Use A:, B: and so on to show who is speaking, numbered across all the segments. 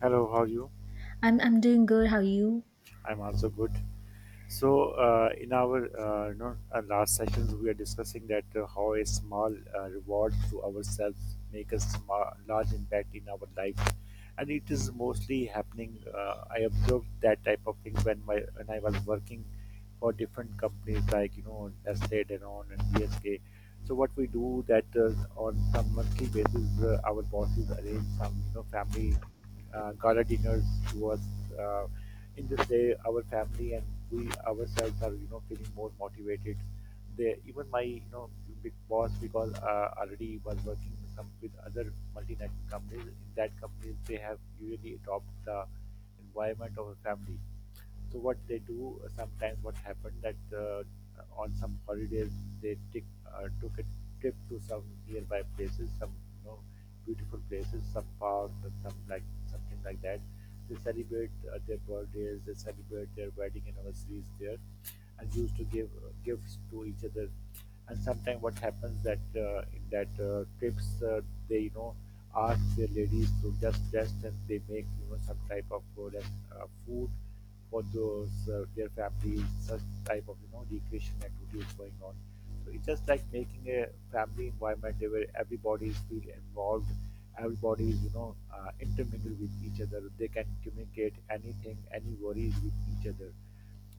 A: Hello, how are you?
B: I'm doing good. How are you?
A: I'm also good. So in our last sessions, we are discussing that how a small reward to ourselves make a small, large impact in our life, and it is mostly happening. I observed that type of thing when I was working for different companies like you know Nestle, Danone, and BSK. So what we do that on some monthly basis, our bosses arrange some you know family gala dinners to us. Uh, in this day our family and we ourselves are you know feeling more motivated, they even my you know big boss, because already was working with other multinational companies. In that companies they have usually adopt the environment of a family. So what they do, sometimes, what happened that on some holidays they took a trip to some nearby places, some you know beautiful places, some parks, and some like something like that. They celebrate their birthdays, they celebrate their wedding anniversaries there, and used to give gifts to each other. And sometimes what happens that in that trips, they you know ask their ladies to just rest and they make you know some type of product, food, for those their families. Such type of you know recreation activity is going on. So it's just like making a family environment where everybody is feel involved, everybody is you know intermingled with each other, they can communicate anything, any worries with each other.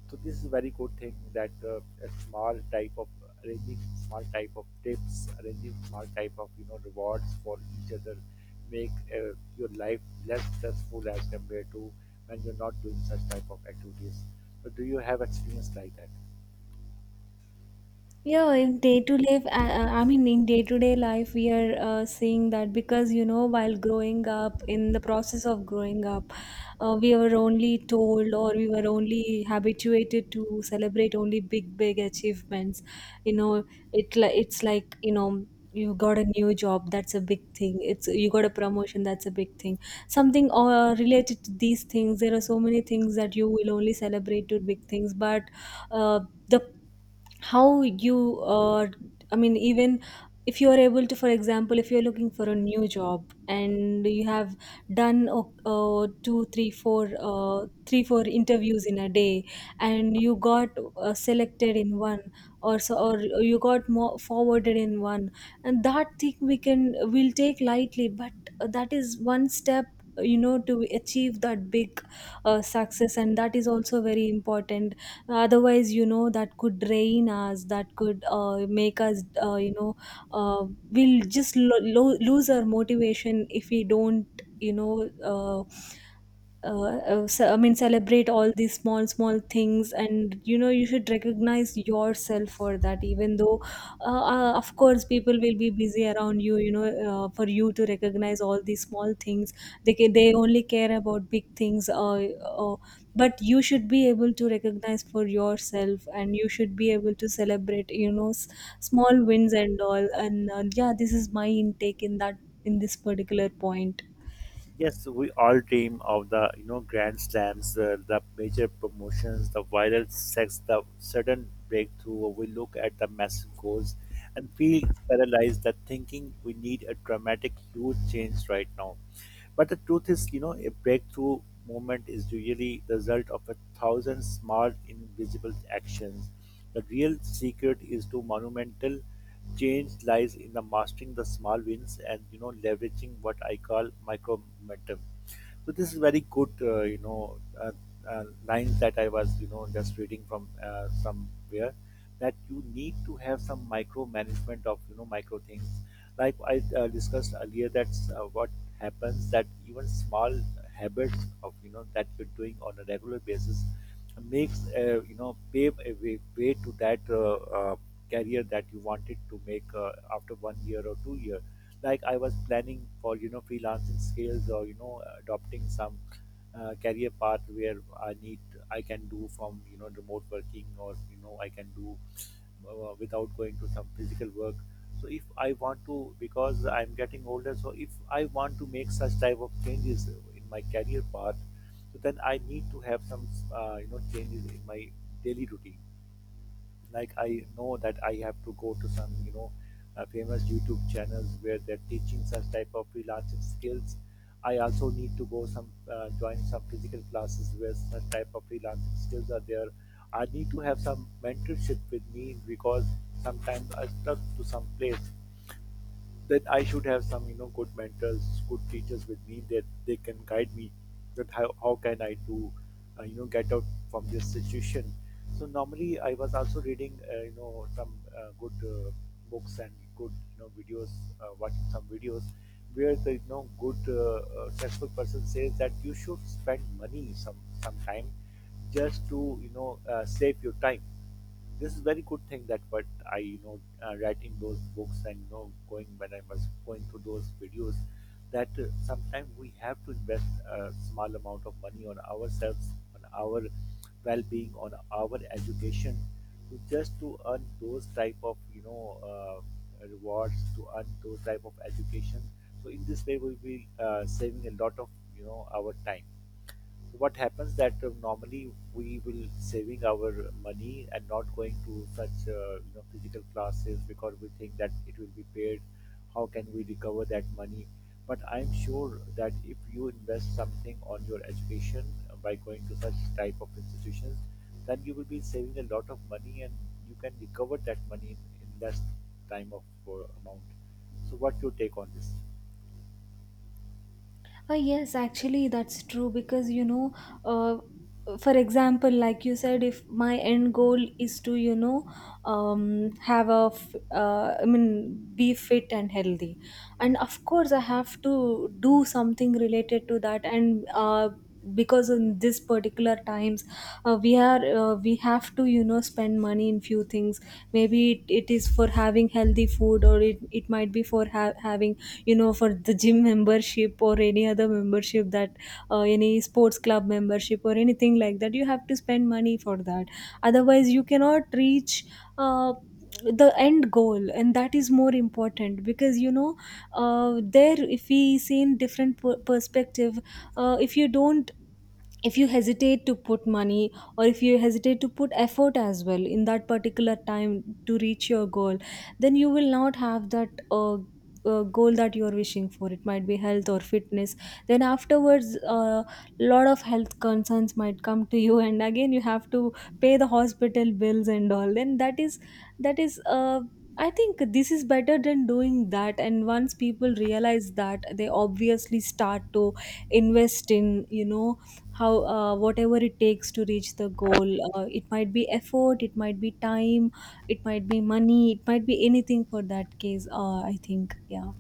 A: So this is a very good thing that a small type of arranging, small type of tips, arranging small type of you know rewards for each other make your life less stressful as compared to when you're not doing such type of activities. So do you have experience like that?
B: Yeah, in day to life, I mean, in day to day life, we are seeing that because you know, while growing up, in the process of growing up, we were only told or we were only habituated to celebrate only big, big achievements. You know, it's like you know, you got a new job, that's a big thing. It's you got a promotion, that's a big thing. Something related to these things. There are so many things that you will only celebrate to big things, but uh, the how you I mean even if you are able to, for example, if you're looking for a new job and you have done 2 3 4 3 4 interviews in a day, and you got selected in one or so, or you got more forwarded in one. And that thing we can we'll take lightly, but that is one step, you know, to achieve that big success, and that is also very important. Otherwise, you know, that could drain us, that could make us uh, we'll just lose our motivation if we don't you know uh, I mean, celebrate all these small, small things, and you know, you should recognize yourself for that. Even though, of course, people will be busy around you, you know, for you to recognize all these small things. They only care about big things, uh, but you should be able to recognize for yourself, and you should be able to celebrate, you know, small wins and all. And yeah, this is my intake in that in this particular point.
A: Yes, we all dream of the you know grand slams, the major promotions, the viral sex, the sudden breakthrough. We look at the massive goals and feel paralyzed that thinking we need a dramatic, huge change right now. But the truth is, you know, a breakthrough movement is usually the result of a thousand small, invisible actions. The real secret is to monumental change lies in the mastering the small wins and you know leveraging what I call micro momentum. So this is very good, uh, lines that I was, you know, just reading from somewhere, that you need to have some micromanagement of, you know, micro things. Like I discussed earlier, that's what happens, that even small habits of, you know, that you're doing on a regular basis makes, you know, pave a way to that career that you wanted to make after one year or 2 years. Like I was planning for you know freelancing skills, or you know adopting some career path where i need I can do from you know remote working, or you know I can do without going to some physical work. So if I want to, because I'm getting older, so if I want to make such type of changes in my career path, so then I need to have some you know changes in my daily routine. Like I know that I have to go to some you know famous YouTube channels where they're teaching such type of freelancing skills. I also need to go some join some physical classes where such type of freelancing skills are there. I need to have some mentorship with me, because sometimes I stuck to some place, that I should have some, you know, good mentors, good teachers with me that they can guide me. How can I do, get out from this situation. So normally I was also reading, some good uh, books and good, you know, videos, watching some videos where the, you know, good successful person says that you should spend money some time just to, you know, save your time. This is very good thing that what I you know writing those books and you know going when I was going through those videos, that sometimes we have to invest a small amount of money on ourselves, on our well-being, on our education, to just to earn those type of you know uh, rewards, to earn those type of education. So in this way we'll be saving a lot of you know our time. What happens that normally we will saving our money and not going to such you know physical classes, because we think that it will be paid, how can we recover that money. But I'm sure that if you invest something on your education by going to such type of institutions, then you will be saving a lot of money, and you can recover that money in less time of amount. So what your take on this?
B: Yes, actually, that's true because you know, uh, for example, like you said, if my end goal is to, you know, have a, I mean, be fit and healthy, and of
A: Yes.
B: course, I have to do something related to that, and because in this particular times, we have to, you know, spend money in few things. Maybe it is for having healthy food, or it might be for having, you know, for the gym membership or any other membership that, any sports club membership or anything like that. You have to spend money for that, otherwise you cannot reach uh, the end goal, and that is more important because you know, there, if we see in different perspective, if you don't, if you hesitate to put money, or if you hesitate to put effort as well in that particular time to reach your goal, then you will not have that goal that you are wishing for. It might be health or fitness. Then afterwards, a lot of health concerns might come to you, and again you have to pay the hospital bills and all. Then that is, that is uh, I think this is better than doing that, and once people realize that, they obviously start to invest in, you know, how, whatever it takes to reach the goal. It might be effort, it might be time, it might be money, it might be anything. For that case, I think, yeah.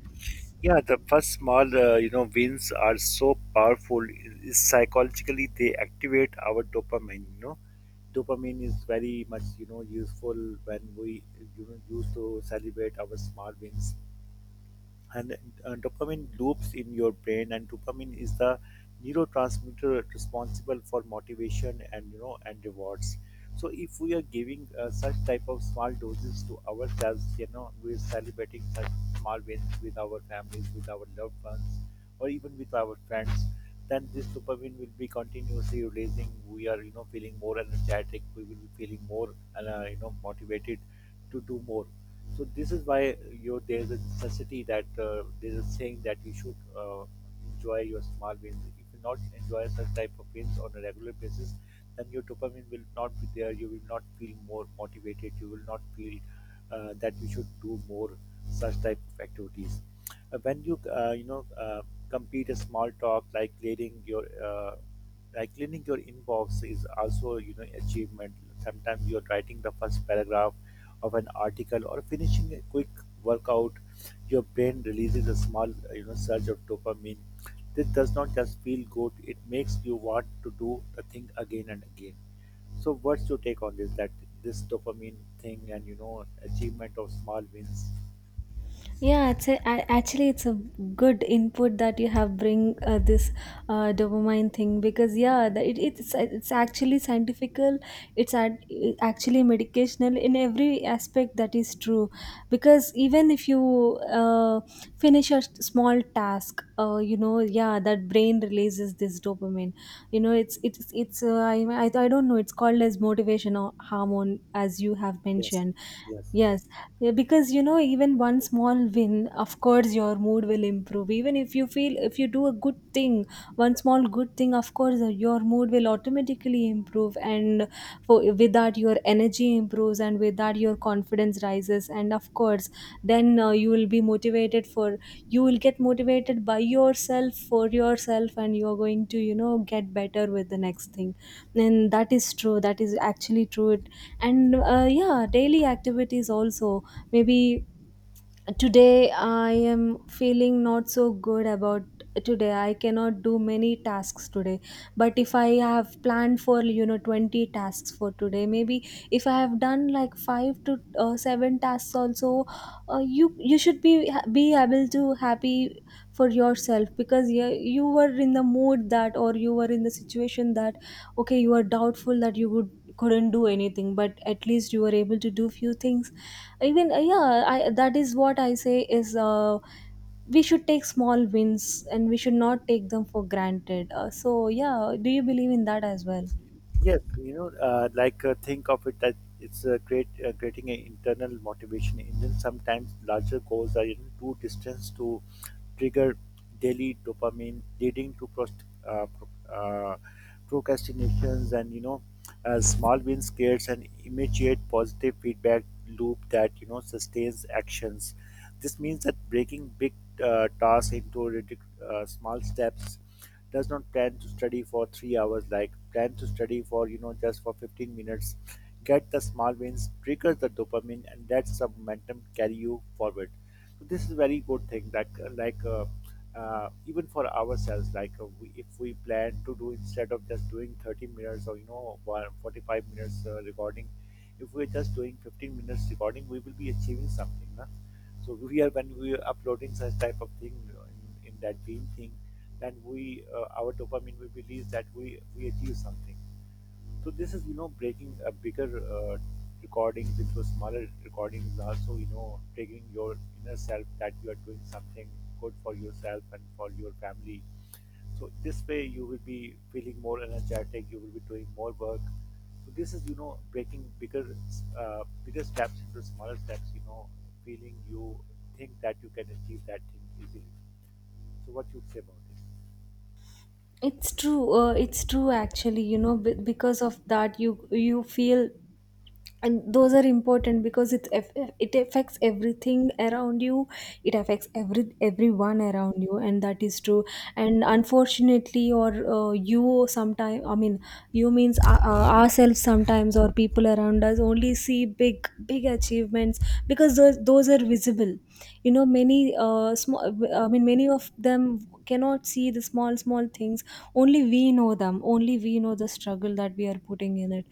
A: Yeah, the first small, wins are so powerful. It's psychologically they activate our dopamine. You know, dopamine is very much you know useful when we you know used to celebrate our small wins, and dopamine loops in your brain, and dopamine is the neurotransmitter responsible for motivation and you know and rewards. So if we are giving such type of small doses to ourselves, you know we're celebrating such small wins with our families, with our loved ones, or even with our friends, then this dopamine will be continuously releasing, we are you know feeling more energetic, we will be feeling more you know motivated to do more. So this is why you there's a necessity that there's a saying that you should enjoy your small wins. If you not enjoy such type of wins on a regular basis, then your dopamine will not be there. You will not feel more motivated. You will not feel that you should do more such type of activities. When you you know complete a small talk, like clearing your like cleaning your inbox is also you know achievement. Sometimes you're writing the first paragraph of an article, or finishing a quick workout, your brain releases a small you know surge of dopamine. This does not just feel good; it makes you want to do the thing again and again. So, what's your take on this? That this dopamine thing and you know achievement of small wins.
B: Yeah, it's actually, it's a good input that you have bring, this dopamine thing, because yeah, it's actually scientifical. It's ad, Actually medicational in every aspect. That is true because even if you finish a small task, you know, yeah, that brain releases this dopamine. You know, it's I don't know. It's called as motivation or hormone, as you have
A: Yes,
B: mentioned.
A: yes.
B: Yes, yeah, because you know, even one small win, of course, your mood will improve. Even if you feel, if you do a good thing, one small good thing, of course, your mood will automatically improve. And for, with that, your energy improves, and with that, your confidence rises. And of course, then you will be motivated for, you will get motivated by yourself, for yourself, and you are going to, you know, get better with the next thing. And that is true. That is actually true. It, and yeah, daily activities also, maybe today I am feeling not so good about, today I cannot do many tasks today, but if I have planned for, you know, 20 tasks for today, maybe if I have done like 5 to 7 tasks also, you should be able to happy for yourself, because you were in the mood that, or you were in the situation that, okay, you were doubtful that you would, couldn't do anything, but at least you were able to do few things. Even yeah, I that is what I say is, we should take small wins and we should not take them for granted. So yeah, do you believe in that as well?
A: Yes, you know, like think of it that it's a great creating an internal motivation engine. Sometimes larger goals are you know, too distant to trigger daily dopamine, leading to procrastinations, and you know small wins, scares, and immediate positive feedback loop that you know sustains actions. This means that breaking big tasks into small steps. Does not plan to study for 3 hours, like plan to study for you know just for 15 minutes, get the small wins, trigger the dopamine, and that's the momentum carry you forward. So this is a very good thing, that like uh, even for ourselves, we, if we plan to do, instead of just doing 30 minutes or you know 45 minutes recording, if we're just doing 15 minutes recording, we will be achieving something na? So we are, when we are uploading such type of thing you know, in that dream thing, and we our dopamine will release that we achieve something. So this is you know breaking a bigger uh, recordings into smaller recordings, also you know triggering your inner self that you are doing something good for yourself and for your family. So this way you will be feeling more energetic, you will be doing more work. So this is you know breaking bigger steps into smaller steps, you know feeling you think that you can achieve that thing easily. So what you say about it?
B: It's true. It's true. Actually, you know, because of that, you feel, and those are important because it affects everything around you, it affects everyone around you, and that is true. And unfortunately, or you sometimes, I mean, you means, ourselves sometimes, or people around us only see big, big achievements because those are visible. You know, many, small I mean many of them cannot see the small, small things. Only we know them, only we know the struggle that we are putting in it.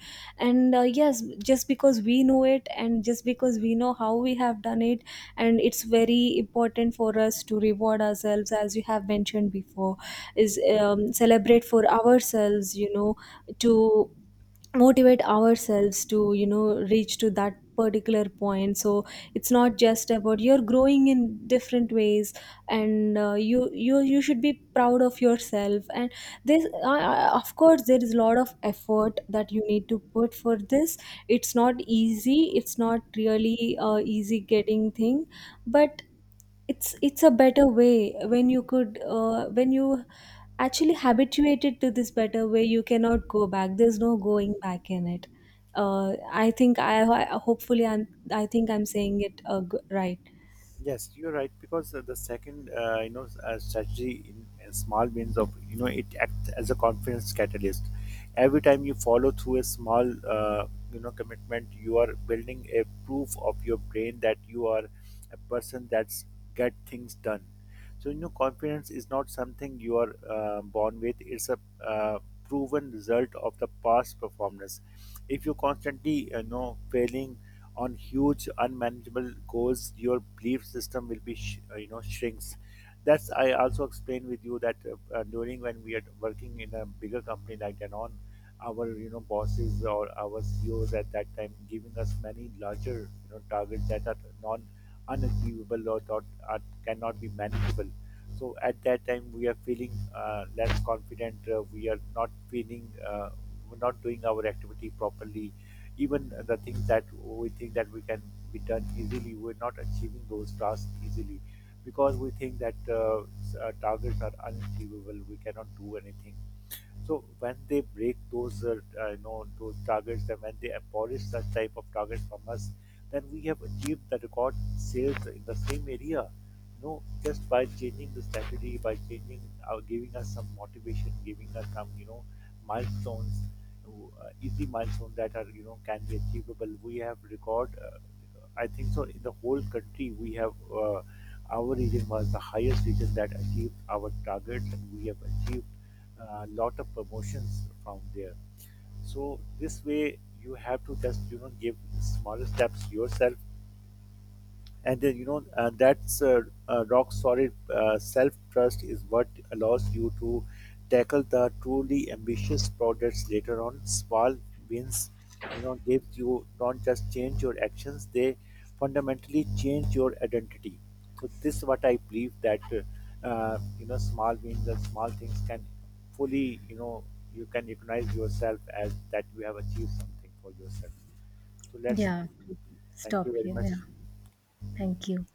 B: And yes, just because we know it, and just because we know how we have done it, and it's very important for us to reward ourselves. As you have mentioned before, is, celebrate for ourselves, you know, to motivate ourselves to, you know, reach to that particular point. So it's not just about, you're growing in different ways, and you should be proud of yourself, and this, of course, there is a lot of effort that you need to put for this. It's not easy, it's not really easy getting thing, but it's a better way when you could when you actually habituated to this better way, you cannot go back, there's no going back in it. I think I- Hopefully I'm I think I'm saying it right.
A: Yes, you're right, because the second, strategy in small wins of you know it acts as a confidence catalyst. Every time you follow through a small, commitment, you are building a proof of your brain that you are a person that's get things done. So you know, confidence is not something you are born with; it's a proven result of the past performance. If you constantly, failing on huge unmanageable goals, your belief system will be you know shrinks. That's I also explained with you that during when we are working in a bigger company like Danone, our you know bosses or our CEOs at that time giving us many larger you know targets that are non unachievable, or not are, cannot be manageable. So at that time we are feeling less confident, we are not feeling we're not doing our activity properly. Even the things that we think that we can be done easily, we're not achieving those tasks easily, because we think that targets are unachievable, we cannot do anything. So when they break those, you know, those targets, and when they abolish such type of targets from us, then we have achieved the record sales in the same area. You know, just by changing the strategy, by changing, giving us some motivation, giving us some, you know, milestones, easy milestones that are, you know, can be achievable. We have record I think so. In the whole country, we have our region was the highest region that achieved our targets, and we have achieved a lot of promotions from there. So this way, you have to just you know give smaller steps yourself, and then you know that's rock solid self trust is what allows you to tackle the truly ambitious projects later on. Small wins, you know, gives you don't just change your actions, they fundamentally change your identity. So this is what I believe that you know small wins and small things can fully you know you can recognize yourself as that you have achieved something for yourself. So let's
B: Yeah,
A: thank you
B: stop
A: very
B: here. Yeah,
A: much.
B: thank you.